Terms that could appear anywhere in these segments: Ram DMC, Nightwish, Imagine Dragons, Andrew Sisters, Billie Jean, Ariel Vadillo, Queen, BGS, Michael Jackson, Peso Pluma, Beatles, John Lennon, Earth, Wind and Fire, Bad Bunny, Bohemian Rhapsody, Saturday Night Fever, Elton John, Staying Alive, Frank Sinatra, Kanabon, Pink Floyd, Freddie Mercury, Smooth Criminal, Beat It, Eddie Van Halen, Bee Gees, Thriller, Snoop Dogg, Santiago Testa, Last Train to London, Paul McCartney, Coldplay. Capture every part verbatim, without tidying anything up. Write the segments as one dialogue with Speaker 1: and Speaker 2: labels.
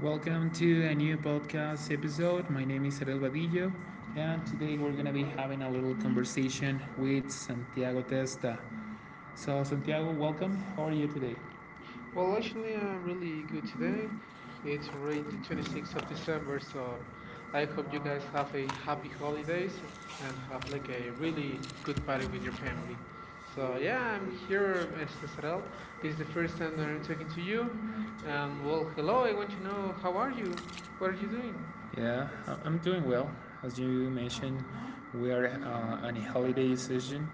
Speaker 1: welcome to a new podcast episode. My name is Ariel Vadillo, and today we're going to be having a little conversation with Santiago Testa. So, Santiago, welcome. How are you today?
Speaker 2: Well, actually, I'm really good today. It's already the twenty-sixth of December, so I hope you guys have a happy holidays and have like a really good party with your family. So yeah, I'm here, Mister Sarel. This is the first time that I'm talking to you. And well, hello. I want to know how are you? What are you doing?
Speaker 1: Yeah, I- am doing well. As you mentioned, we are uh, on a holiday season,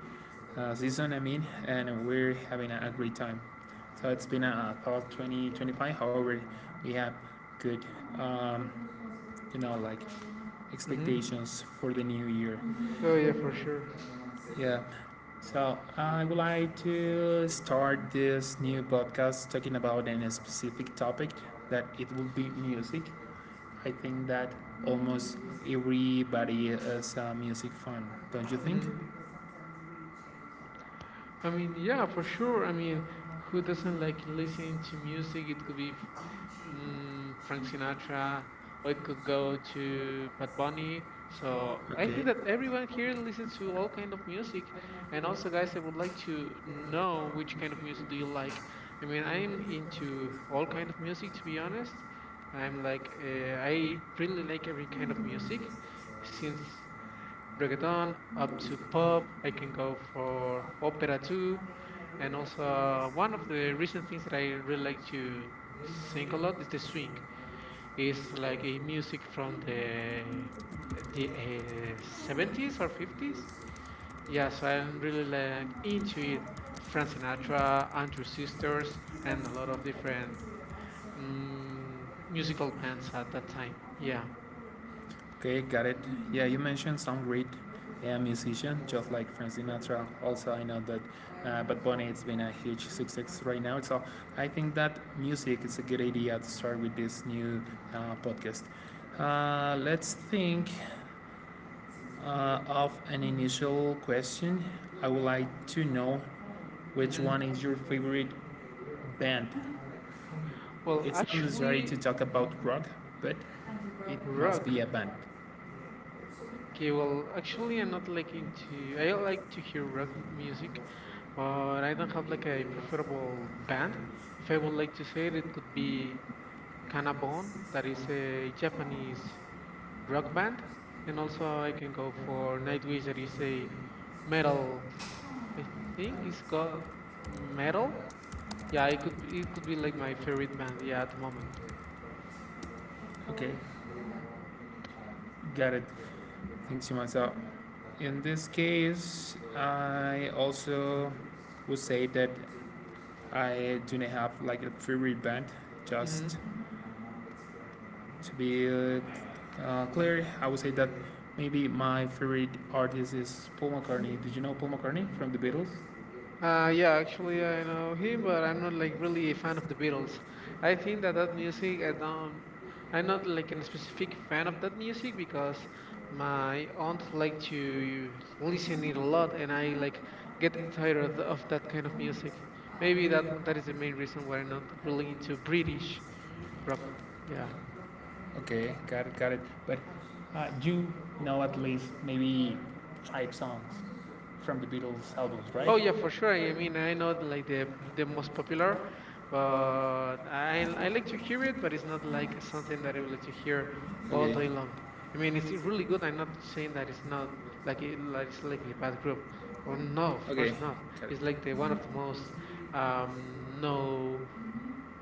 Speaker 1: uh, season I mean, and we're having a, a great time. So it's been a tough twenty twenty-five. However, we have good, um, you know, like
Speaker 2: Mm-hmm.
Speaker 1: expectations for the new year.
Speaker 2: Oh yeah, for sure.
Speaker 1: Yeah, so I would like to start this new podcast talking about a specific topic that it will be music. I think that almost everybody is a music fan, don't you think?
Speaker 2: Mm-hmm. I mean, yeah, for sure. I mean, who doesn't like listening to music? It could be Mm, Frank Sinatra, or it could go to Bad Bunny. So I think
Speaker 1: Okay.
Speaker 2: that everyone here listens to all kind of music. And also, guys, I would like to know which kind of music do you like. I mean, I'm into all kind of music, to be honest. I'm like, uh, I really like every kind of music, since reggaeton up to pop. I can go for opera too. And also, uh, one of the recent things that I really like to sing a lot is the swing. It's like a music from the the uh, seventies or fifties. Yeah, so I'm really like into it. Frank Sinatra, Andrew Sisters, and a lot of different mm, musical bands at that time. Yeah.
Speaker 1: Okay, got it. Yeah, you mentioned some great uh, musician, just like Frank Sinatra. Also, I know that uh, Bad Bunny it's been a huge success right now. So I think that music is a good idea to start with this new uh, podcast. Uh, let's think uh, of an initial question. I would like to know which
Speaker 2: hmm
Speaker 1: one is your favorite band.
Speaker 2: Well,
Speaker 1: It's not necessary to
Speaker 2: actually,
Speaker 1: talk about rock, but it must
Speaker 2: rock.
Speaker 1: be a band.
Speaker 2: Okay, well, actually, I'm not like into. I like to hear rock m- music, but I don't have like a preferable band. If I would like to say it, it could be Kanabon, that is a Japanese rock band, and also I can go for Nightwish, that is a metal. I think it's called metal. Yeah, it could it could be like my favorite band. Yeah, at the moment.
Speaker 1: Okay, got it. Thanks so much. So in this case, I also would say that I do not have like a favorite band.
Speaker 2: Mm-hmm.
Speaker 1: Just to be uh, uh, clear, I would say that maybe my favorite artist is Paul McCartney. Did you know Paul McCartney from the Beatles?
Speaker 2: Uh, yeah, actually, I know him, but I'm not like really a fan of the Beatles. I think that that music, I don't, I'm not like a specific fan of that music because my aunt like to listen it a lot, and I like get tired of, of that kind of music. Maybe that one- that is the main reason why I'm not really into British rock. Yeah.
Speaker 1: Okay, got it, got it. But uh, you know at least maybe five songs from the Beatles albums, right?
Speaker 2: Oh yeah, for sure. I
Speaker 1: Okay.
Speaker 2: mean, I know like the the most popular, but I I like to hear it, but it's not like something that I would like to hear all day long. I mean, it's really good. I'm not saying that it's not like it, like it's like a bad group. Well, no, of
Speaker 1: Okay,
Speaker 2: course not.
Speaker 1: got
Speaker 2: It's like the one of
Speaker 1: it.
Speaker 2: the most um no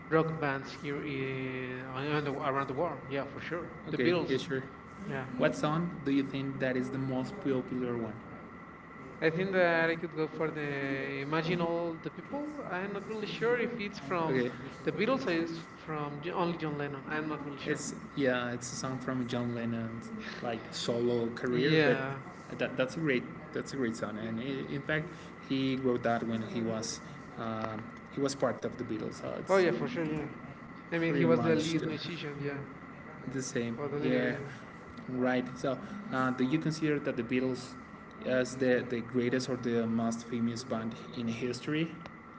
Speaker 2: rock bands here in, on the, around the world. Yeah, for sure. The
Speaker 1: Okay, yeah,
Speaker 2: Beatles.
Speaker 1: sure.
Speaker 2: Yeah.
Speaker 1: What song do you think that is the most popular one?
Speaker 2: I think that I could go for the Imagine All the People. I'm not really sure if it's from
Speaker 1: Okay,
Speaker 2: the Beatles or it's from J- only John Lennon. I'm not really sure.
Speaker 1: it's yeah, it's a song from John Lennon's like solo career, but
Speaker 2: Yeah.
Speaker 1: that, that's a great that's a great song, and I in fact, he wrote that when he was um, he was part of the Beatles, so
Speaker 2: Oh,
Speaker 1: it's
Speaker 2: yeah, for sure, yeah. I mean, he
Speaker 1: pretty
Speaker 2: was the
Speaker 1: much
Speaker 2: lead
Speaker 1: the,
Speaker 2: musician, yeah.
Speaker 1: the same.
Speaker 2: Or the leader,
Speaker 1: Yeah,
Speaker 2: yeah.
Speaker 1: right. So, uh, do you consider that the Beatles as the, the greatest or the most famous band in history?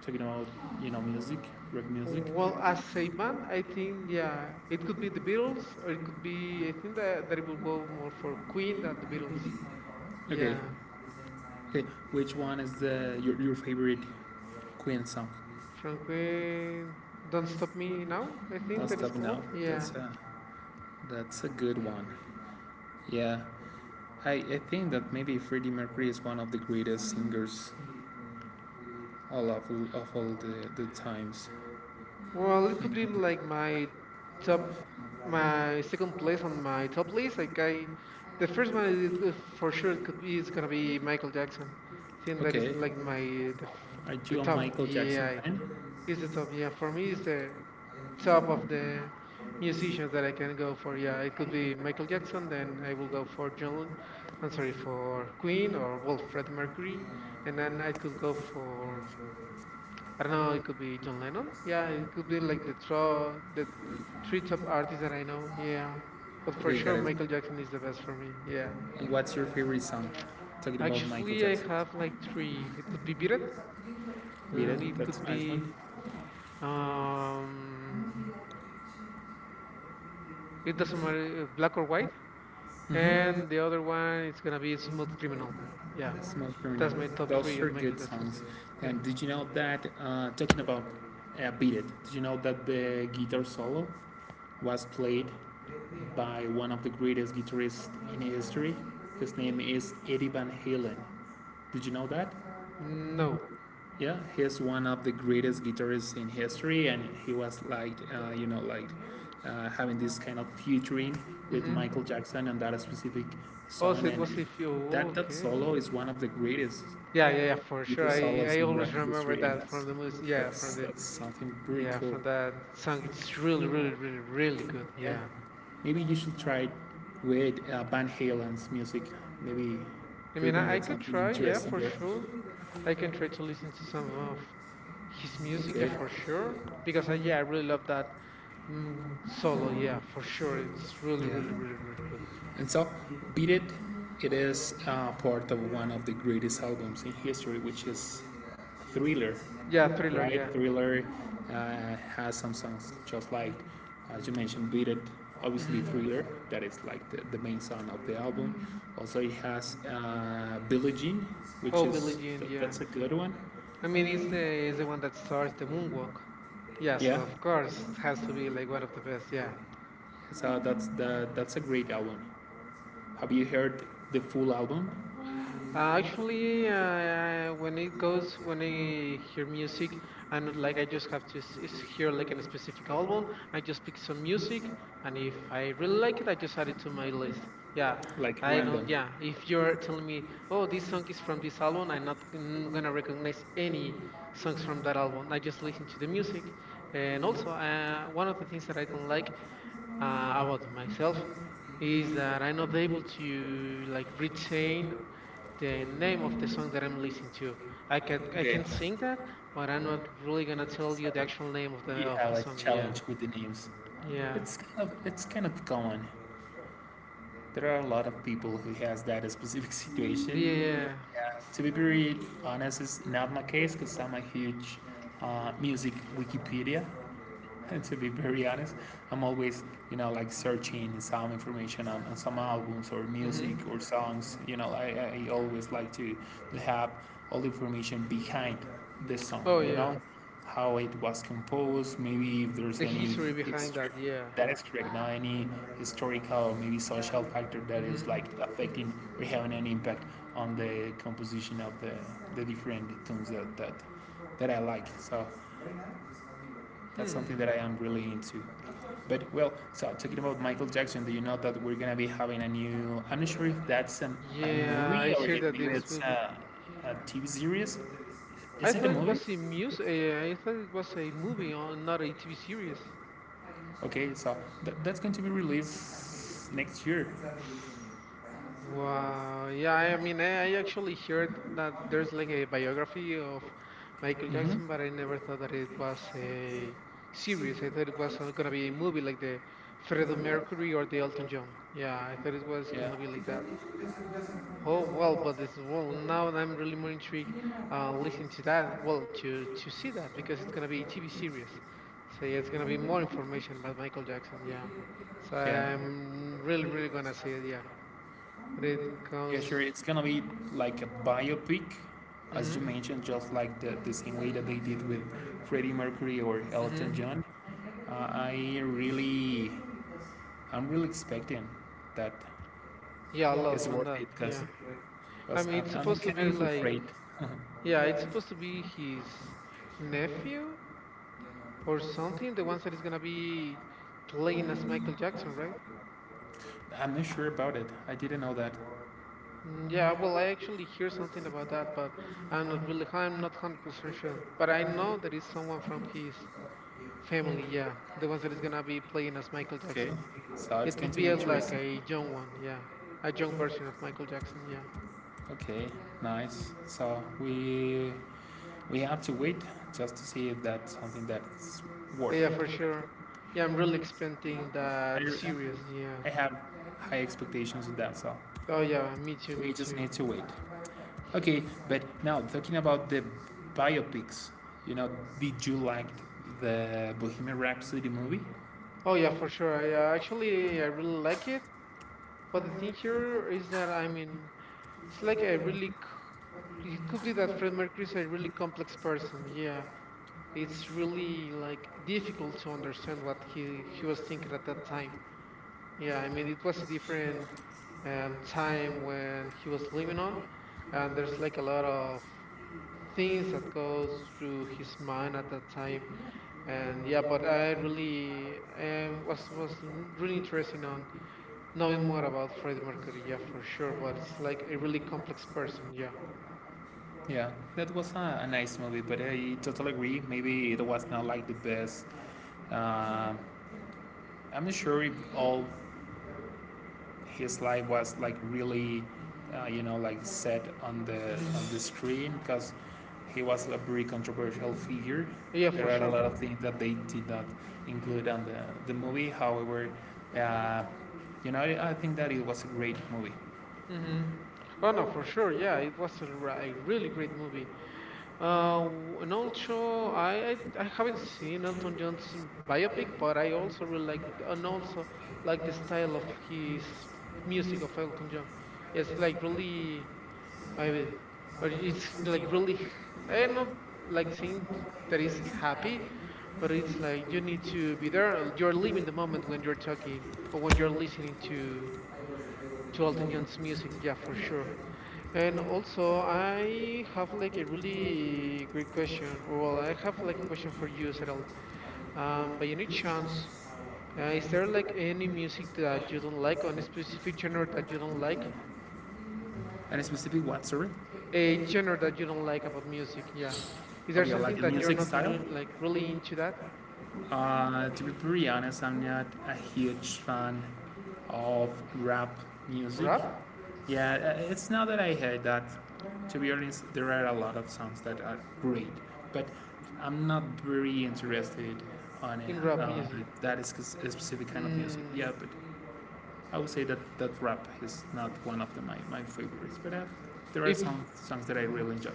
Speaker 1: Talking about you know music, rock music.
Speaker 2: Well, as a band, I think, yeah, it could be the Beatles or it could be, I think that, that it will go more for Queen than the Beatles.
Speaker 1: Okay.
Speaker 2: Yeah.
Speaker 1: Okay. Which one is the your, your favorite Queen song?
Speaker 2: From Queen, Don't Stop Me Now, I think
Speaker 1: That's
Speaker 2: that is
Speaker 1: tough now.
Speaker 2: called. Yeah.
Speaker 1: That's a, that's a good one. Yeah. I, I think that maybe Freddie Mercury is one of the greatest singers all of, of all the, the times.
Speaker 2: Well, it
Speaker 1: You
Speaker 2: could
Speaker 1: know,
Speaker 2: be like my top, my second place on my top list, like I, the first one is, uh, for sure it could be is gonna
Speaker 1: sure.
Speaker 2: be Michael Jackson, I think that is like my the f-
Speaker 1: Okay. Are
Speaker 2: the
Speaker 1: you a
Speaker 2: top.
Speaker 1: Michael Jackson
Speaker 2: Yeah,
Speaker 1: fan?
Speaker 2: it's the top. Yeah, for me it's the top of the musicians that I can go for. Yeah, it could be Michael Jackson. Then I will go for John. I'm sorry, for Queen or well Freddie Mercury, and then I could go for I don't know, it could be John Lennon. Yeah, it could be like the tro the three top artists that I know. Yeah. But for
Speaker 1: Okay,
Speaker 2: sure
Speaker 1: got it.
Speaker 2: Michael Jackson is the best for me. Yeah.
Speaker 1: And what's your favorite song? Talking about Michael
Speaker 2: Actually I
Speaker 1: Jackson.
Speaker 2: have like three. It could be Beat It,
Speaker 1: Beat
Speaker 2: and
Speaker 1: It,
Speaker 2: it
Speaker 1: that's
Speaker 2: could
Speaker 1: a nice
Speaker 2: be
Speaker 1: one.
Speaker 2: um it doesn't matter uh, black or white.
Speaker 1: Mm-hmm.
Speaker 2: And the other one is gonna be Smooth Criminal. Yeah.
Speaker 1: Smooth
Speaker 2: That's
Speaker 1: Criminal.
Speaker 2: my top
Speaker 1: Those
Speaker 2: three
Speaker 1: are
Speaker 2: of Michael
Speaker 1: good
Speaker 2: Jackson.
Speaker 1: songs.
Speaker 2: Yeah.
Speaker 1: And did you know that, uh, talking about uh, Beat It, did you know that the guitar solo was played by one of the greatest guitarists in history? His name is Eddie Van Halen. Did you know that?
Speaker 2: No.
Speaker 1: Yeah, he's one of the greatest guitarists in history, and he was like, uh, you know, like uh, having this kind of featuring with
Speaker 2: Mm-hmm.
Speaker 1: Michael Jackson on that specific
Speaker 2: Oh, so
Speaker 1: song,
Speaker 2: it was
Speaker 1: and
Speaker 2: if you
Speaker 1: that that
Speaker 2: okay.
Speaker 1: solo is one of the greatest
Speaker 2: Yeah, yeah, yeah, for sure.
Speaker 1: guitar
Speaker 2: I
Speaker 1: solos
Speaker 2: I
Speaker 1: in
Speaker 2: always
Speaker 1: rock
Speaker 2: remember
Speaker 1: history, and
Speaker 2: that from
Speaker 1: that's
Speaker 2: the movie. Yeah, from
Speaker 1: that's
Speaker 2: the
Speaker 1: that's something pretty
Speaker 2: yeah
Speaker 1: cool.
Speaker 2: from that song. It's really, really, really, really good.
Speaker 1: Yeah,
Speaker 2: Yeah.
Speaker 1: maybe you should try with uh, Van Halen's music. Maybe
Speaker 2: I
Speaker 1: you're
Speaker 2: mean,
Speaker 1: gonna
Speaker 2: I, I
Speaker 1: get
Speaker 2: could
Speaker 1: something
Speaker 2: try. Yeah,
Speaker 1: interesting
Speaker 2: for
Speaker 1: there.
Speaker 2: sure. I can try to listen to some of his music. Yeah,
Speaker 1: Okay,
Speaker 2: for sure. Because I yeah I really love that mm, solo. Yeah, for sure. It's really,
Speaker 1: yeah.
Speaker 2: really, really, really good.
Speaker 1: And so, Beat It, it is uh, part of one of the greatest albums in history, which is Thriller,
Speaker 2: Yeah, Thriller.
Speaker 1: right?
Speaker 2: Yeah.
Speaker 1: Thriller uh, has some songs just like, as you mentioned, Beat It,
Speaker 2: Mm-hmm.
Speaker 1: obviously Thriller, that is like the, the main song of the album. Also, it has uh, Billie Jean, which
Speaker 2: Oh, Billie
Speaker 1: is,
Speaker 2: Jean.
Speaker 1: that,
Speaker 2: Yeah.
Speaker 1: that's a good one.
Speaker 2: I mean, it's the it's the one that starts the moonwalk. Yes,
Speaker 1: Yeah,
Speaker 2: of course, it has to be like one of the best. Yeah.
Speaker 1: so that's, the, that's a great album. Have you heard the full album?
Speaker 2: Uh, actually, uh, uh, when it goes, when I hear music, I'm not like I just have to s- s- hear like a specific album. I just pick some music, and if I really like it, I just add it to my list. Yeah,
Speaker 1: Like
Speaker 2: I don't.
Speaker 1: random.
Speaker 2: Yeah, if you're telling me, oh, this song is from this album, I'm not n- gonna recognize any songs from that album. I just listen to the music, and also uh, one of the things that I don't like uh,
Speaker 1: uh,
Speaker 2: about myself
Speaker 1: Themselves
Speaker 2: is
Speaker 1: is
Speaker 2: that I'm not able
Speaker 1: relative to
Speaker 2: to like retain
Speaker 1: which
Speaker 2: the
Speaker 1: the
Speaker 2: name of
Speaker 1: name
Speaker 2: the
Speaker 1: of the
Speaker 2: song that
Speaker 1: subject.
Speaker 2: I'm listening to. I can I
Speaker 1: Okay.
Speaker 2: can sing that, but I'm not
Speaker 1: Another.
Speaker 2: really gonna tell you the actual name of the
Speaker 1: You
Speaker 2: of
Speaker 1: have
Speaker 2: the
Speaker 1: a
Speaker 2: song. Yeah,
Speaker 1: challenge with the names.
Speaker 2: yeah,
Speaker 1: It's kind of it's kind of common. There are a lot of people who has that specific
Speaker 2: yeah.
Speaker 1: situation.
Speaker 2: Yeah.
Speaker 1: Yeah. To be very honest, it's not my case because I'm a huge uh, music Wikipedia. To be very honest. I'm always, you know, like searching some information on, on some albums or
Speaker 2: Mm-hmm.
Speaker 1: music or songs. You know, I, I always like to, to have all the information behind the song,
Speaker 2: Oh
Speaker 1: you
Speaker 2: yeah,
Speaker 1: know, how it was composed, maybe if there's
Speaker 2: the
Speaker 1: any
Speaker 2: history behind
Speaker 1: history.
Speaker 2: that. Yeah.
Speaker 1: That is correct. Now, any historical or maybe social factor that is
Speaker 2: Mm-hmm.
Speaker 1: like affecting or having an impact on the composition of the, the different tunes that, that that I like. So that's
Speaker 2: Hmm.
Speaker 1: something that I am really into. But well, so talking about Michael Jackson, do you know that we're gonna be having a new? I'm not sure if that's a, a
Speaker 2: Yeah, I
Speaker 1: movie or
Speaker 2: hear
Speaker 1: if
Speaker 2: that
Speaker 1: maybe
Speaker 2: there's.
Speaker 1: it's
Speaker 2: Will be-
Speaker 1: a, a T V series.
Speaker 2: I
Speaker 1: Is it a
Speaker 2: thought it
Speaker 1: movie?
Speaker 2: was a music. I thought it was a movie, or not a T V series.
Speaker 1: Okay, so th- that's going to be released next year.
Speaker 2: Wow. Yeah, I mean, I, I actually heard that there's like a biography of Michael
Speaker 1: hmm
Speaker 2: Jackson, but I never thought that it was a series. I thought it was uh, gonna be a movie like the Freddie Mercury or the Elton John. Yeah, I thought it was
Speaker 1: Yeah.
Speaker 2: gonna be like that. Oh well, but this well now I'm really more intrigued uh, listening to that. Well, to to see that because it's gonna be a T V series, so yeah, it's gonna be more information about Michael Jackson. Yeah, so
Speaker 1: Yeah.
Speaker 2: I'm really really gonna see it. Yeah, when it
Speaker 1: Yeah,
Speaker 2: comes.
Speaker 1: sure. It's gonna be like a biopic, as you
Speaker 2: Mhm.
Speaker 1: mentioned, just like the, the same way that they did with Freddie Mercury or Elton
Speaker 2: Mhm.
Speaker 1: John. Uh, I really, I'm really expecting that
Speaker 2: Yeah, a lot
Speaker 1: it's
Speaker 2: from
Speaker 1: worth
Speaker 2: that.
Speaker 1: it because
Speaker 2: Yeah. I
Speaker 1: because
Speaker 2: mean, it's
Speaker 1: I'm, I'm
Speaker 2: supposed to
Speaker 1: kind
Speaker 2: be
Speaker 1: of
Speaker 2: like,
Speaker 1: afraid.
Speaker 2: yeah, it's supposed to be his nephew or something, the ones that is gonna be playing as Michael Jackson, right?
Speaker 1: I'm not sure about it. I didn't know that.
Speaker 2: Mm, yeah. Well, I actually hear something about that, but I'm not really, I'm not one hundred percent sure. But I know that it's someone from his family. Yeah, the ones that is gonna be playing as Michael
Speaker 1: Okay,
Speaker 2: Jackson.
Speaker 1: so it's
Speaker 2: It
Speaker 1: going
Speaker 2: could
Speaker 1: to
Speaker 2: be
Speaker 1: be
Speaker 2: as like
Speaker 1: interesting.
Speaker 2: a young one. Yeah, a young version of Michael Jackson. Yeah.
Speaker 1: Okay, nice. So we we have to wait just to see if that's something that's
Speaker 2: Oh,
Speaker 1: worth
Speaker 2: yeah,
Speaker 1: it.
Speaker 2: for sure. Yeah, I'm really expecting
Speaker 1: I
Speaker 2: that series. Yeah.
Speaker 1: I have high expectations of that, so
Speaker 2: Oh yeah, me too, me
Speaker 1: we just
Speaker 2: too.
Speaker 1: need to wait. Okay, but now talking about the biopics, you know, did you like the Bohemian Rhapsody movie?
Speaker 2: Oh yeah, for sure. I, uh, actually, I really like it. But the thing here is that I mean, it's like a really c- it could be that Fred Mercury is a really complex person. Yeah, it's really like difficult to understand what he he was thinking at that time. Yeah, I mean, it was a different um, time when he was living on, and there's like a lot of things that goes through his mind at that time, and yeah, but I really um, was was really interested on knowing
Speaker 1: Knowing
Speaker 2: more
Speaker 1: what
Speaker 2: about
Speaker 1: I
Speaker 2: Freddie
Speaker 1: think is
Speaker 2: Mercury, yeah,
Speaker 1: true,
Speaker 2: for sure,
Speaker 1: sure,
Speaker 2: but it's
Speaker 1: what's
Speaker 2: like
Speaker 1: like,
Speaker 2: a
Speaker 1: maybe
Speaker 2: really
Speaker 1: you can't
Speaker 2: complex
Speaker 1: express
Speaker 2: person, yeah.
Speaker 1: it. Yeah, that was a, a nice movie, but I totally agree. Maybe it was not like the best. Um I'm not sure if all his life was like really, uh, you know, like set on the
Speaker 2: Hmm.
Speaker 1: on the screen because he was a very controversial figure.
Speaker 2: Yeah, for
Speaker 1: There are a
Speaker 2: sure.
Speaker 1: lot of things that they did not include on the the movie. However, uh, you know, I I think that it was a great movie.
Speaker 2: Hmm. Oh no, for sure. Yeah, it was a, r- a really great movie. Uh, w- and also, I, I I haven't seen Elton John's biopic, but I also really like it, and also like the style of his music of Elton John. It's like really, I mean, or it's like really, I not like saying that is happy, but it's like you need to be there. uh, You're living the moment when you're talking or when you're listening to to Elton John's music. Yeah, for sure. And also, I have like a really great question. Well, I have like a question for you, Cyril. Um, by any chance, uh, is there like any music that you don't like, or any specific genre that you don't like?
Speaker 1: And specifically what, sorry?
Speaker 2: A genre that you don't like about music, yeah. Is there
Speaker 1: Okay, like
Speaker 2: something
Speaker 1: the
Speaker 2: that you're
Speaker 1: music
Speaker 2: not
Speaker 1: style?
Speaker 2: lo- like really into that?
Speaker 1: Uh, to be pretty honest, I'm not a huge fan of rap music.
Speaker 2: Rap?
Speaker 1: Yeah, uh, it's not that I hate that. To be honest, there are a lot of songs that are great, but I'm not very interested on
Speaker 2: In
Speaker 1: it,
Speaker 2: rap
Speaker 1: uh,
Speaker 2: music.
Speaker 1: that is cause- a specific kind of music.
Speaker 2: Mm,
Speaker 1: Yeah, but I would say that, that rap is not one of the, my, my favorites, but uh, there are
Speaker 2: if
Speaker 1: some songs that I really enjoy.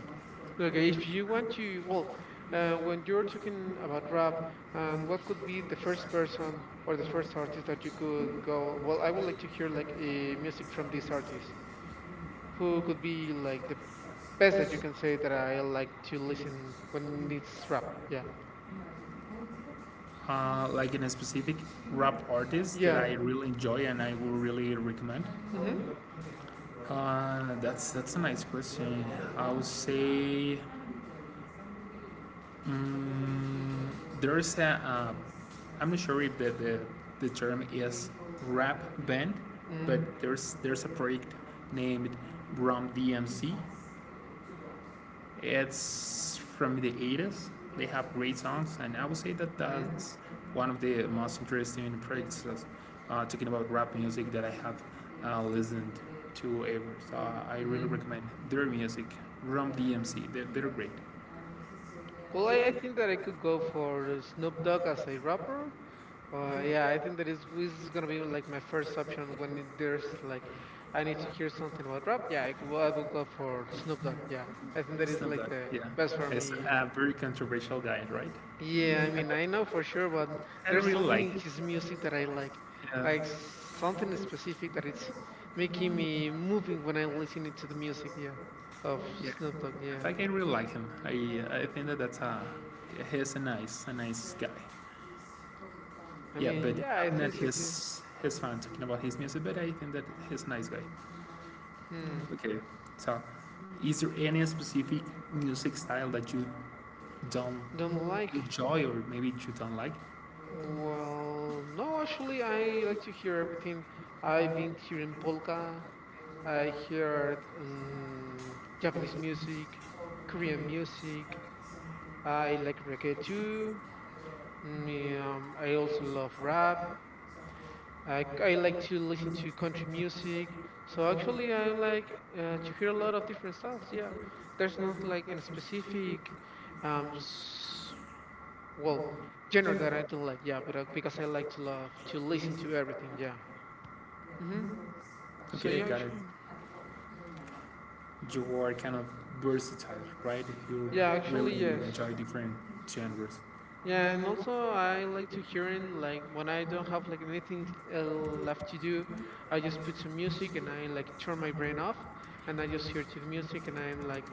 Speaker 2: Okay, if you want to, well, uh, when you're talking about rap, and what could be the first person or the first artist that you could go, well, I would like to hear like a music from this artist. Who could be like the best that you can say that I like to listen when it's rap? Yeah.
Speaker 1: uh, Like in a specific rap artist that
Speaker 2: Yeah.
Speaker 1: I really enjoy and I will really recommend?
Speaker 2: Mhm.
Speaker 1: Uh, that's that's a nice question. I would say mm there's a uh, I'm not sure if the, the the term is rap band, but
Speaker 2: Mhm.
Speaker 1: there's there's a project named Ram D M C. It's from the eighties. They have great songs, and I would say that
Speaker 2: Mhm.
Speaker 1: that's one of the most interesting projects uh, talking about rap music that I have uh, listened to ever. So I really
Speaker 2: Mhm.
Speaker 1: recommend their music, Rum D M C. They're, they're great.
Speaker 2: Well, I, I think that I could go for Snoop Dogg as a rapper. Uh, yeah, I think that is is gonna be like my first option when it- there's like I need to hear something about rap. Yeah, I, go- I will go for Snoop Dogg. Yeah, I think that is
Speaker 1: Snoop
Speaker 2: like
Speaker 1: Dogg,
Speaker 2: the
Speaker 1: yeah,
Speaker 2: best for
Speaker 1: it's
Speaker 2: me. Yeah,
Speaker 1: a very controversial guy, right?
Speaker 2: yeah, I mean I know for sure, but
Speaker 1: I
Speaker 2: there's
Speaker 1: really
Speaker 2: something
Speaker 1: like
Speaker 2: in
Speaker 1: him.
Speaker 2: his music that I like, like
Speaker 1: Yeah,
Speaker 2: something specific that it's making me moving when I'm listening to the music. Yeah, of
Speaker 1: yeah.
Speaker 2: Snoop Dogg.
Speaker 1: In
Speaker 2: Yeah,
Speaker 1: fact, I really like him. I I think that that's a he's a nice a nice guy.
Speaker 2: I
Speaker 1: Yeah,
Speaker 2: mean
Speaker 1: but
Speaker 2: yeah, I
Speaker 1: I'm not
Speaker 2: think so too.
Speaker 1: his his fan talking about his music, but I think that he's a nice guy.
Speaker 2: Hmm,
Speaker 1: Okay, so is there any specific music style that you don't
Speaker 2: don't like.
Speaker 1: enjoy or maybe you don't like?
Speaker 2: Well, no, actually, I like to hear everything. I've been hearing polka. I heard um, Japanese music, Korean music. I like reggae too. Mm, um, I also love rap. I, I like to listen to country music. So
Speaker 1: So
Speaker 2: actually,
Speaker 1: actually
Speaker 2: I like uh, to
Speaker 1: my
Speaker 2: hear a lot of
Speaker 1: freedom
Speaker 2: different styles. Yeah,
Speaker 1: is
Speaker 2: there's not
Speaker 1: person
Speaker 2: like any
Speaker 1: specific,
Speaker 2: specific um,
Speaker 1: um
Speaker 2: s- well,
Speaker 1: well,
Speaker 2: genre
Speaker 1: general.
Speaker 2: that I don't like, yeah,
Speaker 1: Yeah,
Speaker 2: but uh,
Speaker 1: I
Speaker 2: because I
Speaker 1: guess I
Speaker 2: like to love to
Speaker 1: like to
Speaker 2: listen
Speaker 1: listen to
Speaker 2: to everything,
Speaker 1: her.
Speaker 2: yeah. Mhm. So
Speaker 1: Okay,
Speaker 2: yeah,
Speaker 1: got it.
Speaker 2: actually,
Speaker 1: You are kind of versatile, right? You
Speaker 2: yeah, actually
Speaker 1: really
Speaker 2: yes.
Speaker 1: enjoy different genres. So
Speaker 2: Yeah, and also
Speaker 1: that's
Speaker 2: I like to hear in like when I don't have like anything uh, left to do, I just put some music and I like turn my brain off, and I just hear to the music and I'm like,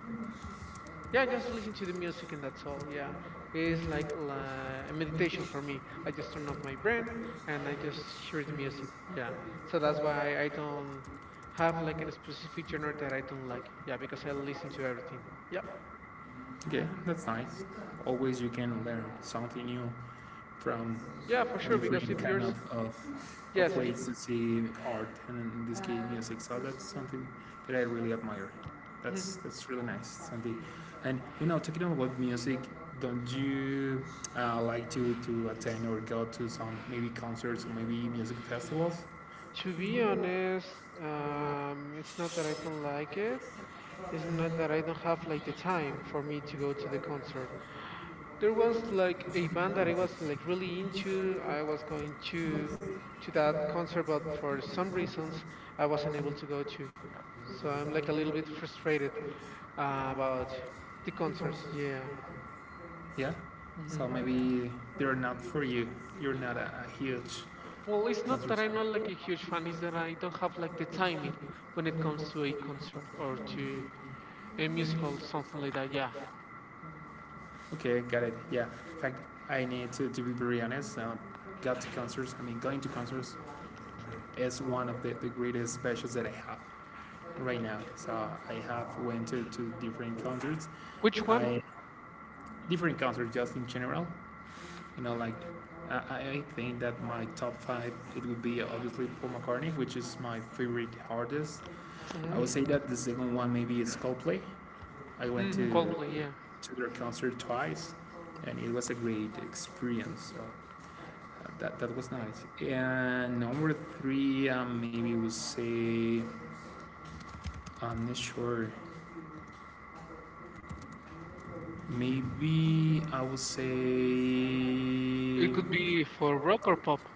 Speaker 2: yeah, just listen to the music and that's all. Yeah, it's like la- a meditation for me. I just turn off my brain and I just hear the music. Yeah, so that's why I
Speaker 1: why
Speaker 2: don't
Speaker 1: I
Speaker 2: have
Speaker 1: have
Speaker 2: like a specific genre that I don't like. Yeah,
Speaker 1: like
Speaker 2: because I listen to everything.
Speaker 1: future.
Speaker 2: Yep.
Speaker 1: Okay, that's nice. Always you can learn something new from
Speaker 2: Yeah, for sure. Because
Speaker 1: different
Speaker 2: if
Speaker 1: kind
Speaker 2: yours,
Speaker 1: of, of, of
Speaker 2: yes, if
Speaker 1: ways to see art and in this case music. So that's something that I really admire.
Speaker 2: hmm.
Speaker 1: That's that's really nice, Santi. And you know, talking about music, don't you uh, like to, to attend or go to some maybe concerts or maybe music festivals?
Speaker 2: To be honest, um, it's not that I don't like it. It's not that I don't have like the time for me to go to the concert. There was
Speaker 1: Stevens
Speaker 2: like
Speaker 1: plays
Speaker 2: a band
Speaker 1: one
Speaker 2: that I was
Speaker 1: by
Speaker 2: like really
Speaker 1: I was
Speaker 2: into. I was going
Speaker 1: a
Speaker 2: to to
Speaker 1: the
Speaker 2: that concert, but for
Speaker 1: conservatory for
Speaker 2: some
Speaker 1: some
Speaker 2: reasons
Speaker 1: reasons.
Speaker 2: I
Speaker 1: I was
Speaker 2: wasn't
Speaker 1: in
Speaker 2: able to go to.
Speaker 1: exposure.
Speaker 2: So
Speaker 1: So
Speaker 2: I'm
Speaker 1: I
Speaker 2: like a
Speaker 1: never
Speaker 2: little bit
Speaker 1: lived
Speaker 2: frustrated
Speaker 1: experience.
Speaker 2: uh,
Speaker 1: Uh,
Speaker 2: about the
Speaker 1: the
Speaker 2: concerts. Yeah.
Speaker 1: Yeah. So
Speaker 2: Hmm.
Speaker 1: maybe they're not for you. You're not a, a huge
Speaker 2: Well, it's not
Speaker 1: concert.
Speaker 2: that I'm not like a huge fan. It's that I don't have like the timing when it
Speaker 1: When it
Speaker 2: comes
Speaker 1: comes
Speaker 2: to a
Speaker 1: to a
Speaker 2: concert
Speaker 1: concert
Speaker 2: or to a
Speaker 1: to a
Speaker 2: musical,
Speaker 1: musical or
Speaker 2: something like that.
Speaker 1: something
Speaker 2: Yeah.
Speaker 1: like that. Okay, got it. Yeah. In fact, I need to, to be very honest. Um, got to concerts. I mean, going to concerts is one of the, the greatest specials that I have right now. So I have went to, to different concerts.
Speaker 2: Which one?
Speaker 1: I Different concerts just in general. You know, like I, I I think that my top five it would be obviously Paul McCartney, which is my favorite artist. I would
Speaker 2: Hmm.
Speaker 1: say that the second one maybe is Coldplay. I went
Speaker 2: Mm,
Speaker 1: to
Speaker 2: Coldplay. Yeah.
Speaker 1: to their concert twice, and it was a great experience. So uh, that that was nice. And number three, um, maybe would say I'm not sure. Maybe I would say
Speaker 2: It could be for rock or pop.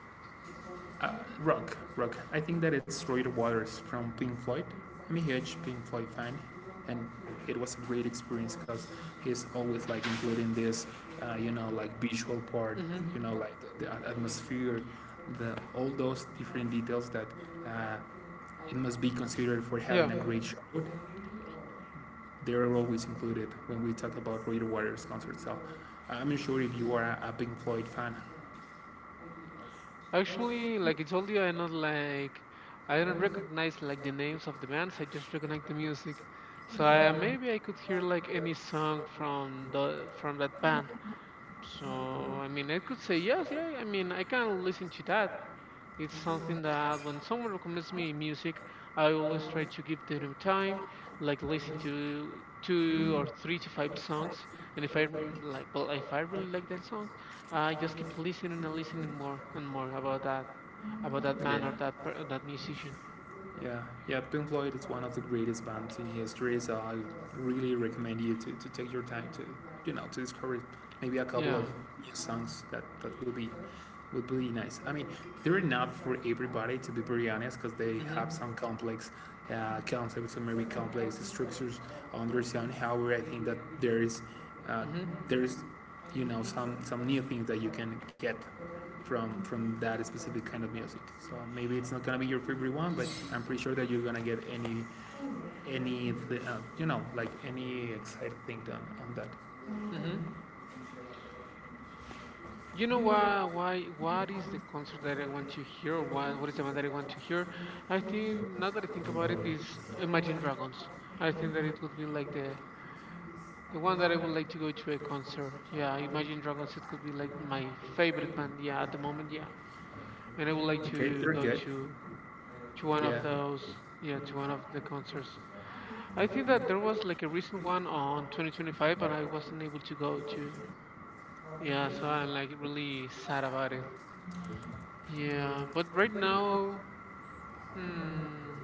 Speaker 1: Uh, rock, rock. I think that it's Roy Waters from Pink Floyd. I'm a huge Pink Floyd fan, and it was a great experience because he's always like including this, uh, you know, like visual part,
Speaker 2: Hmm.
Speaker 1: you know, like the, the atmosphere, the all those different details that uh, it must be considered for
Speaker 2: Yeah.
Speaker 1: having a great show. They are always included when we talk about Roy Waters concerts. So uh, I'm sure if you are a, a Pink Floyd fan.
Speaker 2: Actually, like I told you, I not like I don't recognize like the names of the bands. I just recognize the music. So
Speaker 1: So,
Speaker 2: I,
Speaker 1: um,
Speaker 2: maybe I could hear like any song from the from that band. So I mean, I could say yes, yeah. I mean, I can listen to that. It's something that when someone recommends me music, I always try to give them time, like listen to two or
Speaker 1: okay.
Speaker 2: three to five songs. And if I like, well, if I really like that song, I just keep listening and listening more and more about that about that man or that per- that musician.
Speaker 1: Yeah, yeah, Pink Floyd is one of the greatest bands in history, so I really recommend you to, to take your time to, you know to discover maybe a couple of
Speaker 2: Yeah.
Speaker 1: new songs that that will be, would be nice. I mean, they're not for everybody, to be very honest, because they
Speaker 2: Mhm.
Speaker 1: have some complex uh, concepts, some very complex structures on their sound. However, I think that there is, uh,
Speaker 2: Mhm.
Speaker 1: there is, you know, some some new things that you can get from from that specific kind of music. So maybe it's not gonna be your favorite one, but I'm pretty sure that you're gonna get any any uh, you know, like any exciting thing done on that.
Speaker 2: Mhm. You know why? Why? What is the concert that I want to hear? Or what? What is the one that I want to hear? I think now that I think about it, is Imagine Dragons. I think that it would be like the the one that I would like to go to a concert. Yeah, Imagine Dragons. It could be like my favorite band. Yeah, at the moment. Yeah, and I would like
Speaker 1: Okay,
Speaker 2: to
Speaker 1: they're
Speaker 2: go
Speaker 1: good.
Speaker 2: to to one of
Speaker 1: Yeah.
Speaker 2: those. Yeah, to one of the concerts. I think that there was like a recent one on twenty twenty-five, but I wasn't able to go to. Yeah, so I'm like really sad about it. Yeah, but right now, hmm.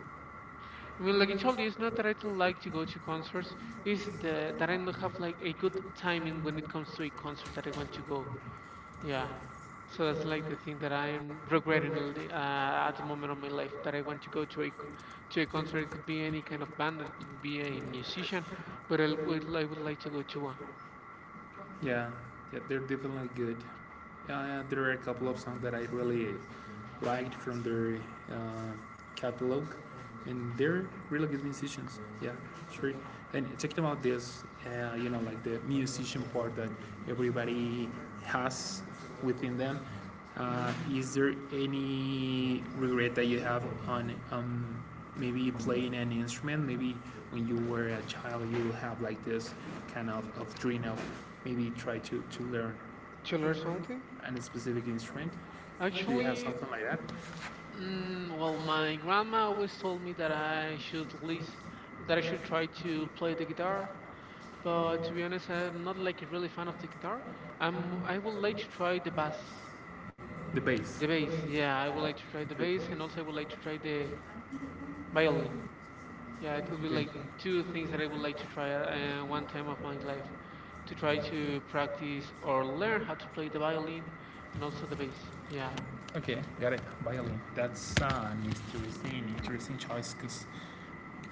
Speaker 2: I mean, like I told you, it's not that I don't like to go to concerts. It's
Speaker 1: This is
Speaker 2: the that
Speaker 1: the
Speaker 2: I don't have like a good
Speaker 1: time
Speaker 2: timing when
Speaker 1: in.
Speaker 2: it comes to a concert that I want to go.
Speaker 1: Yeah.
Speaker 2: Yeah, so
Speaker 1: So
Speaker 2: that's
Speaker 1: it's
Speaker 2: like the
Speaker 1: like
Speaker 2: thing that
Speaker 1: uh,
Speaker 2: I'm regretting a
Speaker 1: programming
Speaker 2: li-
Speaker 1: around
Speaker 2: uh, at the moment of my life
Speaker 1: absolutely.
Speaker 2: that I want to go to a c- to a
Speaker 1: So,
Speaker 2: concert. It could be any kind of band, it could be a musician, but I would I would like to go to one.
Speaker 1: yeah, yeah, they're definitely good. Yeah, yeah, there are a couple of songs that I really liked from their uh, catalog, and they're really good musicians. Yeah, sure. And talking about this, uh, you know, like the musician part that everybody has within them.
Speaker 2: Hmm.
Speaker 1: Uh, is there any regret that you have on, um, maybe playing an instrument? Maybe when you were a child, you have like this kind of, of dream of maybe try to, to learn
Speaker 2: To learn something?
Speaker 1: a specific instrument. Do you have
Speaker 2: Actually,
Speaker 1: something like that?
Speaker 2: mm, well, my grandma always told me that I
Speaker 1: The
Speaker 2: should least that I should try to play the guitar. But to be honest, I'm not like really fan of the guitar. I'm I would like to try the bass,
Speaker 1: base. The base.
Speaker 2: the bass. Yeah, I would like to try the
Speaker 1: The
Speaker 2: bass,
Speaker 1: base
Speaker 2: and also I would like
Speaker 1: is
Speaker 2: to try
Speaker 1: like
Speaker 2: the
Speaker 1: the. Okay.
Speaker 2: violin. Yeah, it could
Speaker 1: Two
Speaker 2: be
Speaker 1: things
Speaker 2: like
Speaker 1: I would
Speaker 2: two things that I
Speaker 1: like to
Speaker 2: would like to try
Speaker 1: share was
Speaker 2: uh, one time of
Speaker 1: to
Speaker 2: my life to try
Speaker 1: try to
Speaker 2: to
Speaker 1: extract
Speaker 2: practice
Speaker 1: things
Speaker 2: or
Speaker 1: for a
Speaker 2: learn
Speaker 1: little.
Speaker 2: how to play the violin and also the bass. Yeah.
Speaker 1: Okay, got it. Violin. That's uh, an interesting, interesting choice because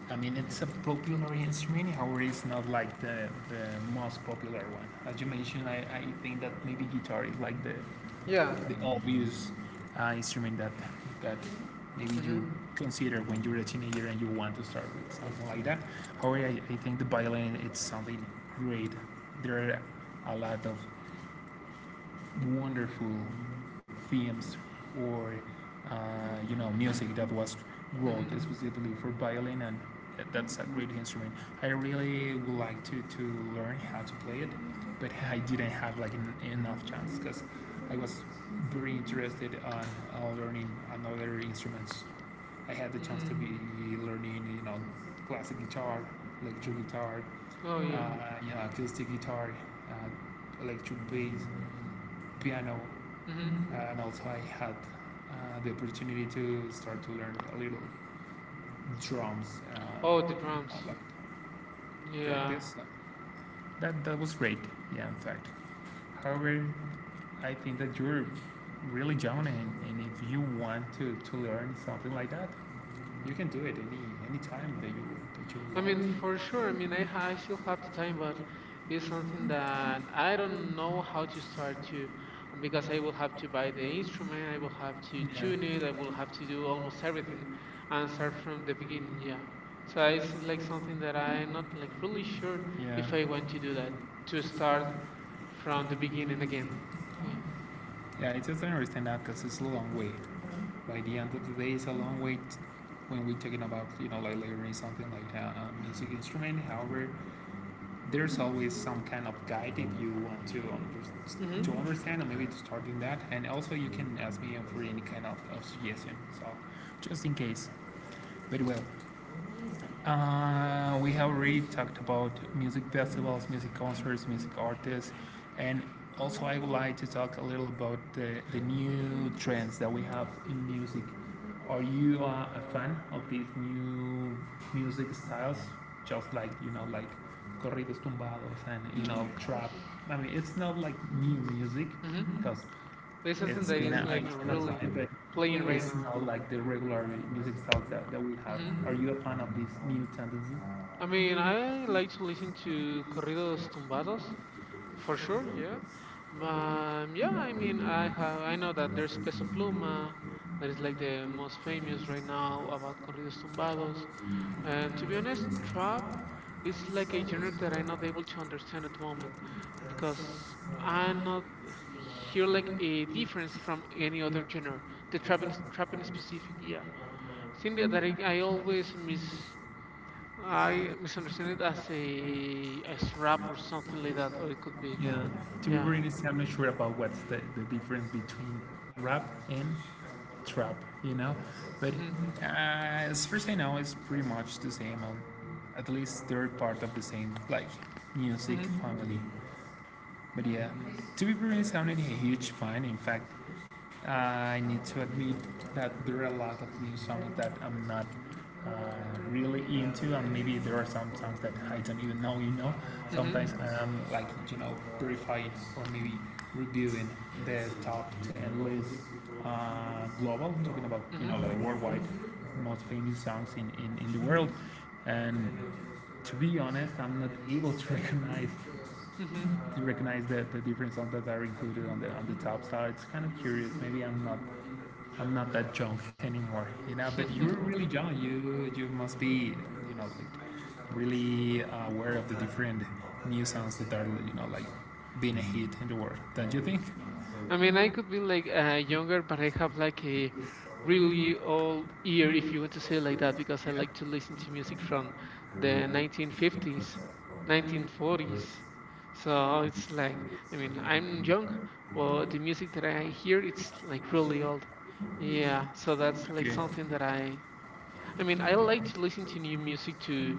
Speaker 1: I mean, it's a popular instrument, however, it's not like the, the most popular one. As you mentioned, I, I think that maybe guitar is like the,
Speaker 2: Yeah.
Speaker 1: the obvious uh, instrument that that maybe
Speaker 2: Hmm.
Speaker 1: you consider when you're a teenager and you want to start with something like that. However, I, I think the violin it's something great. There are a lot of wonderful themes or uh, you know, music that was wrote
Speaker 2: Mm-hmm.
Speaker 1: specifically for violin, and that's a great instrument. I really would like to, to learn how to play it, but I didn't have like en- enough chance because I was very interested on on learning another instruments. I had the chance to
Speaker 2: Mm.
Speaker 1: be learning, you know, classic guitar, electric guitar,
Speaker 2: Oh yeah.
Speaker 1: uh, you know, acoustic guitar, uh, electric bass, piano,
Speaker 2: Hmm.
Speaker 1: mm-hmm, and also I had uh, the opportunity to start to learn a little drums, uh,
Speaker 2: Oh, the
Speaker 1: oh, uh,
Speaker 2: drums.
Speaker 1: like
Speaker 2: Yeah.
Speaker 1: practice. Yeah. That that was great. Yeah, in fact. However, I think that you're really young, and, and if you want to, to learn something like that, you can do it any any time that you that you I
Speaker 2: I
Speaker 1: want. I
Speaker 2: mean,
Speaker 1: mean,
Speaker 2: for sure. I mean, I ha- I still have the time, but it's
Speaker 1: yeah. So
Speaker 2: something
Speaker 1: it's
Speaker 2: that I don't know how to start to, um, because I will have to buy the instrument. I will have to tune it. I will have to do almost everything, and start from the beginning. Yeah. So
Speaker 1: like
Speaker 2: it's like
Speaker 1: something
Speaker 2: something that
Speaker 1: that
Speaker 2: I'm
Speaker 1: I'm
Speaker 2: not like really
Speaker 1: pretty
Speaker 2: sure
Speaker 1: sure. Yeah.
Speaker 2: if
Speaker 1: If
Speaker 2: I
Speaker 1: I
Speaker 2: want
Speaker 1: want
Speaker 2: to do
Speaker 1: to,
Speaker 2: that to
Speaker 1: to
Speaker 2: start
Speaker 1: start
Speaker 2: from
Speaker 1: from
Speaker 2: the
Speaker 1: the
Speaker 2: beginning
Speaker 1: beginning.
Speaker 2: again. Yeah.
Speaker 1: Yeah, I totally understand that because it's a long way. By the end of the day, it's a long way t- when we're talking about, you know, like learning something like a, a music instrument. However, there's always some kind of guide if you want to under-
Speaker 2: Mhm.
Speaker 1: to understand or maybe to start doing that. And also you can ask me for any kind of, of suggestion. So just in case. Very well. Uh, we have already talked about music festivals, music concerts, music artists, and also I would like to talk a little about the, the new trends that we have in music. Are you uh, a fan of these new music styles? Just like, you know, like corridos tumbados and, you know, trap. I mean, it's not like new music
Speaker 2: Mhm.
Speaker 1: because
Speaker 2: There's something
Speaker 1: it's
Speaker 2: that
Speaker 1: been
Speaker 2: is
Speaker 1: a
Speaker 2: like
Speaker 1: it's been a
Speaker 2: really
Speaker 1: time, but
Speaker 2: playing right
Speaker 1: it's
Speaker 2: now.
Speaker 1: not like the regular music styles that, that we have.
Speaker 2: Hmm.
Speaker 1: Are you a fan of this new tendency?
Speaker 2: I mean, I like to listen to corridos tumbados for sure. Yeah, um, yeah. I mean, I have I know that there's Peso Pluma, that is like the most famous right now about corridos tumbados. And to be honest, trap is like a genre that I'm not able to understand at the moment because I not hear like a difference from any other genre. The trap in trap in specific, yeah. Thing that that I, I always miss I misunderstand it as a as rap or something like that, or it could be
Speaker 1: Yeah, to be
Speaker 2: yeah.
Speaker 1: very honest, I'm not sure about what's the, the difference between rap and trap, you know? But
Speaker 2: Mhm.
Speaker 1: uh, as far as I know, it's pretty much the same. Um, at least they're part of the same, like, music
Speaker 2: Mhm.
Speaker 1: family. But yeah, to be very honest, I'm not a huge fan. In fact, Uh, I need to admit that there are a lot of new songs that I'm not uh, really into, and maybe there are some songs that I don't even know. You know,
Speaker 2: Mhm.
Speaker 1: sometimes I'm like, you know, purified or maybe reviewing the top ten list, uh, global, talking about, you
Speaker 2: Mhm.
Speaker 1: know, like worldwide most famous songs in, in, in the world. And to be honest, I'm not able to recognize
Speaker 2: Mhm.
Speaker 1: to recognize the, the different songs that are included on the on the top. So it's kind of curious. Maybe I'm not I'm not that young anymore, you know. But you're really young. You you must be, you know, like really aware of the different new sounds that are, you know, like being a hit in the world. Don't you think?
Speaker 2: I mean, I could be like uh, younger, but I have like a really old ear, if you want to say it like that, because I
Speaker 1: Yeah.
Speaker 2: like to listen to music from the nineteen fifties, nineteen forties. So it's like, I mean, I'm young, but the music that I hear, it's like really old. Yeah, so that's like
Speaker 1: Okay.
Speaker 2: something that I I mean, I like to listen to new music to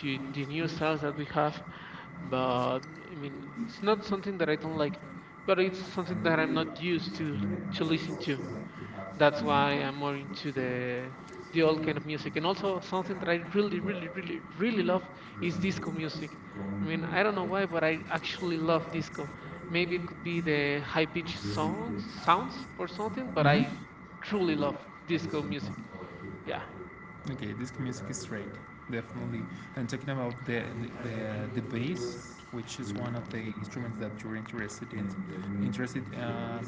Speaker 2: to the new styles that we have, but I mean, it's not something that I don't like, but it's something that I'm not used to to listen to. That's why I'm more into the the old kind of music. And also something that I really, really, really, really love is disco music. I mean, I don't know why, but I actually love disco. Maybe it could be the high pitched songs, sounds or something, but
Speaker 1: Mm-hmm.
Speaker 2: I truly love disco music. Yeah.
Speaker 1: Okay. This music is straight, definitely. And talking about the the, the, bass, which is one of the instruments that you're interested in, interested. Uh,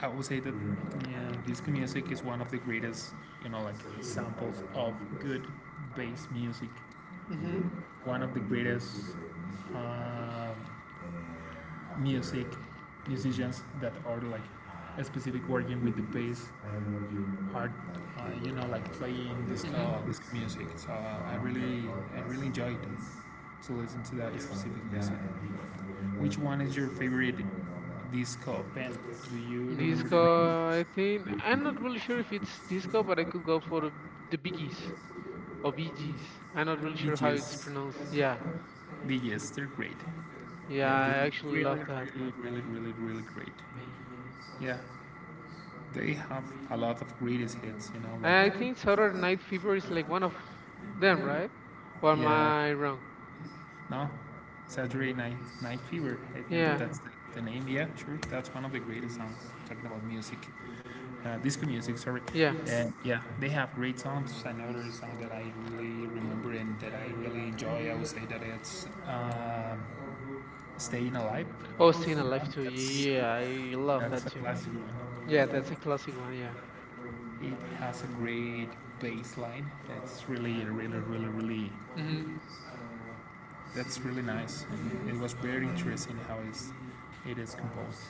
Speaker 1: I would say that yeah, disco music is one of the greatest, you know, like examples of good bass music.
Speaker 2: Mm-hmm.
Speaker 1: One of the greatest uh, music musicians that are like specific working with the bass are, uh, you know, like playing disco disco music. So uh, I really I really enjoyed to listen to that specific music. Which one is your favorite disco band? Do you remember
Speaker 2: Disco,
Speaker 1: the name?
Speaker 2: I think I'm not really sure if it's disco, but I could go for the Biggies or Bee Gees. I'm not really sure how it's
Speaker 1: B G S,
Speaker 2: pronounced. Yeah,
Speaker 1: B G S, they're great.
Speaker 2: yeah,
Speaker 1: Yeah,
Speaker 2: I
Speaker 1: they're
Speaker 2: actually
Speaker 1: really,
Speaker 2: love that.
Speaker 1: really, really, really, really great. Yeah, they have a lot of greatest hits, you know, like,
Speaker 2: I think Saturday Night Fever is like one of them, right? Or am
Speaker 1: yeah,
Speaker 2: I wrong?
Speaker 1: no? Saturday Night, Night Fever, I think that
Speaker 2: Yeah,
Speaker 1: that's the, the name, yeah, sure. That's one of the greatest songs, talking about music, uh, disco music, sorry.
Speaker 2: yeah.
Speaker 1: And yeah, they have great songs. Another song that I really remember and that I really enjoy, I would say that it's, um Staying Alive,
Speaker 2: Oh, Staying
Speaker 1: you
Speaker 2: Alive
Speaker 1: know,
Speaker 2: too.
Speaker 1: that's,
Speaker 2: Yeah, I love
Speaker 1: that's
Speaker 2: that
Speaker 1: a
Speaker 2: too.
Speaker 1: classic one.
Speaker 2: Yeah, that's a classic one. Yeah.
Speaker 1: It has a great bass line. That's really, really, really, really,
Speaker 2: Mhm.
Speaker 1: that's really nice. And it was very interesting how it's, it is composed.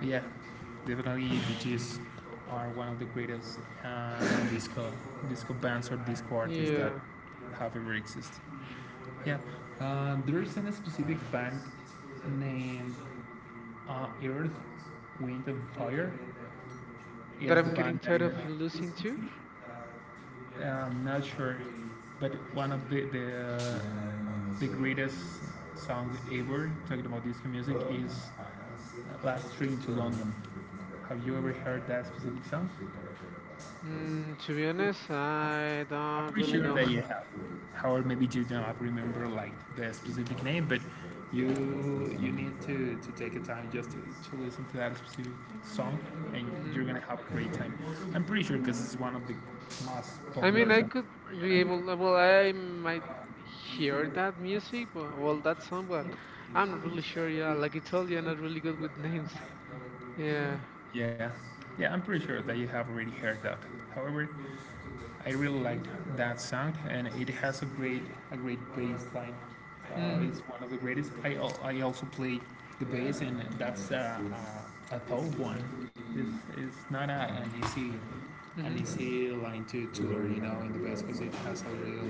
Speaker 1: But yeah, definitely the G's are one of the greatest uh, disco disco bands or disco artists that
Speaker 2: Yeah.
Speaker 1: have ever existed. Yeah, uh, there isn't a specific band named, uh, Earth, Wind and Fire.
Speaker 2: That
Speaker 1: It's the
Speaker 2: I'm getting
Speaker 1: band that
Speaker 2: tired
Speaker 1: is,
Speaker 2: of
Speaker 1: uh,
Speaker 2: losing to.
Speaker 1: I'm not sure, but one of the, the uh, the greatest song ever, talking about disco music, is, uh, Last Train to London. Have you ever heard that specific song?
Speaker 2: Mm, to be honest, I
Speaker 1: I'm
Speaker 2: don't
Speaker 1: pretty
Speaker 2: really
Speaker 1: sure
Speaker 2: know.
Speaker 1: that you have. However, maybe you don't remember like the specific name, but you you need to, to take a time just to, to listen to that specific song, and you're
Speaker 2: Mhm.
Speaker 1: gonna have a great time. I'm pretty sure because it's one of the most
Speaker 2: I mean,
Speaker 1: popular songs.
Speaker 2: I
Speaker 1: Ever,
Speaker 2: could be
Speaker 1: you know?
Speaker 2: able. Well, I might hear that music, but well, that song, but I'm not really sure. Yeah, like I told you, I'm not really good with names. Yeah.
Speaker 1: Yeah, yeah, I'm pretty sure that you have already heard that. However, I really liked that song, and it has a great a great bass line. Uh,
Speaker 2: Mm.
Speaker 1: it's one of the greatest. I, al- I also play the bass, and that's uh, uh, a tough one. It's, it's not a, an easy an
Speaker 2: Mm-hmm.
Speaker 1: easy line to, to learn, you know, in the bass because it has a real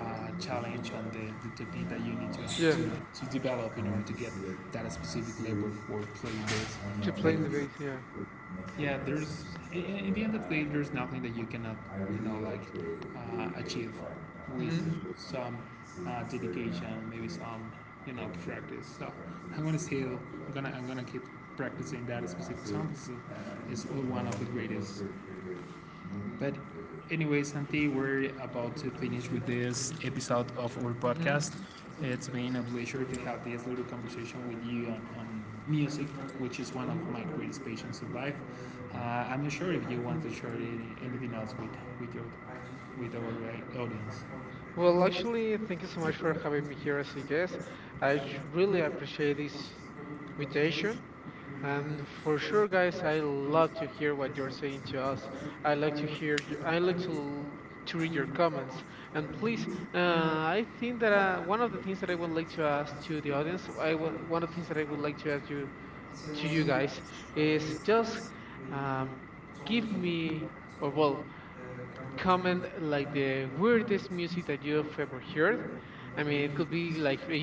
Speaker 1: uh, challenge on the, the technique that you need to,
Speaker 2: Yeah.
Speaker 1: to to develop in order to get that specific level for playing bass.
Speaker 2: To
Speaker 1: But
Speaker 2: playing the bass. Yeah.
Speaker 1: yeah, there's in i- the end of the day there's nothing that you cannot, you know, like, uh, achieve
Speaker 2: Mm-hmm.
Speaker 1: with some uh, dedication, maybe some, you know, practice. So I'm gonna still, i'm gonna i'm gonna keep practicing that specific song 'cause it's one of the greatest. But anyway, Santi, we're about to finish with this episode of our
Speaker 2: Mm-hmm.
Speaker 1: podcast. It's been a pleasure to have this little conversation with you on, on music, which is one of my greatest passions in life. Uh, I'm not sure if you want to share any- anything else with with your with our uh, audience.
Speaker 2: Well, actually, thank you so much for having me here as a guest. I j- really appreciate this invitation. And for sure, guys, I love to hear what you're saying to us. I like to hear. y- I like to to read your comments. And please, uh, I think that
Speaker 1: I
Speaker 2: uh, one of the things that I would like to ask to the audience, I w one of the things that I would like to ask you to you guys is just um, give me or well comment like the weirdest music that you have ever heard. I mean, it could be like a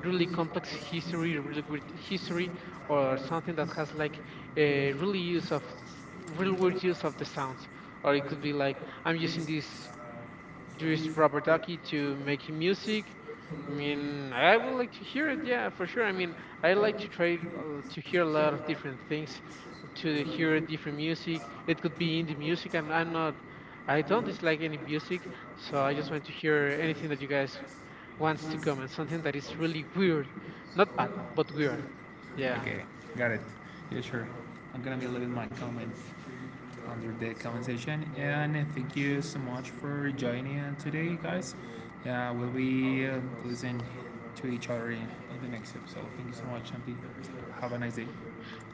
Speaker 2: really complex history, a really weird history, or
Speaker 1: like
Speaker 2: something that has like
Speaker 1: to
Speaker 2: a really use of real weird use of the sounds. Or it could be like I'm using this use Robert Ducky to make him music. I mean, I would like to hear it, yeah, for sure. I mean, I like to try uh, to hear a lot of different things, to hear
Speaker 1: hear.
Speaker 2: different music. It could be indie music, and I'm not, I
Speaker 1: I
Speaker 2: don't
Speaker 1: love.
Speaker 2: dislike any music, so I just want to hear anything that you guys wants to comment, something that is really weird, not bad, but weird. Yeah.
Speaker 1: Okay, got it. Yeah, sure. I'm gonna be leaving my comment under the comment section, and thank you so much for joining uh, today, guys. Yeah, we'll be uh, listening to each other in, in the next episode. Thank you so much, Shanti. Have a nice day.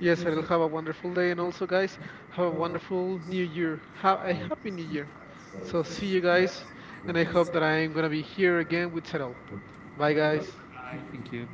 Speaker 2: Yes,
Speaker 1: Yes.
Speaker 2: Ariel, have a wonderful day, and also, guys, have a wonderful new year. Have a happy new year. So, see you
Speaker 1: Sir.
Speaker 2: guys, and I hope that I'm gonna be here again with Ariel. Bye, guys.
Speaker 1: Thank you.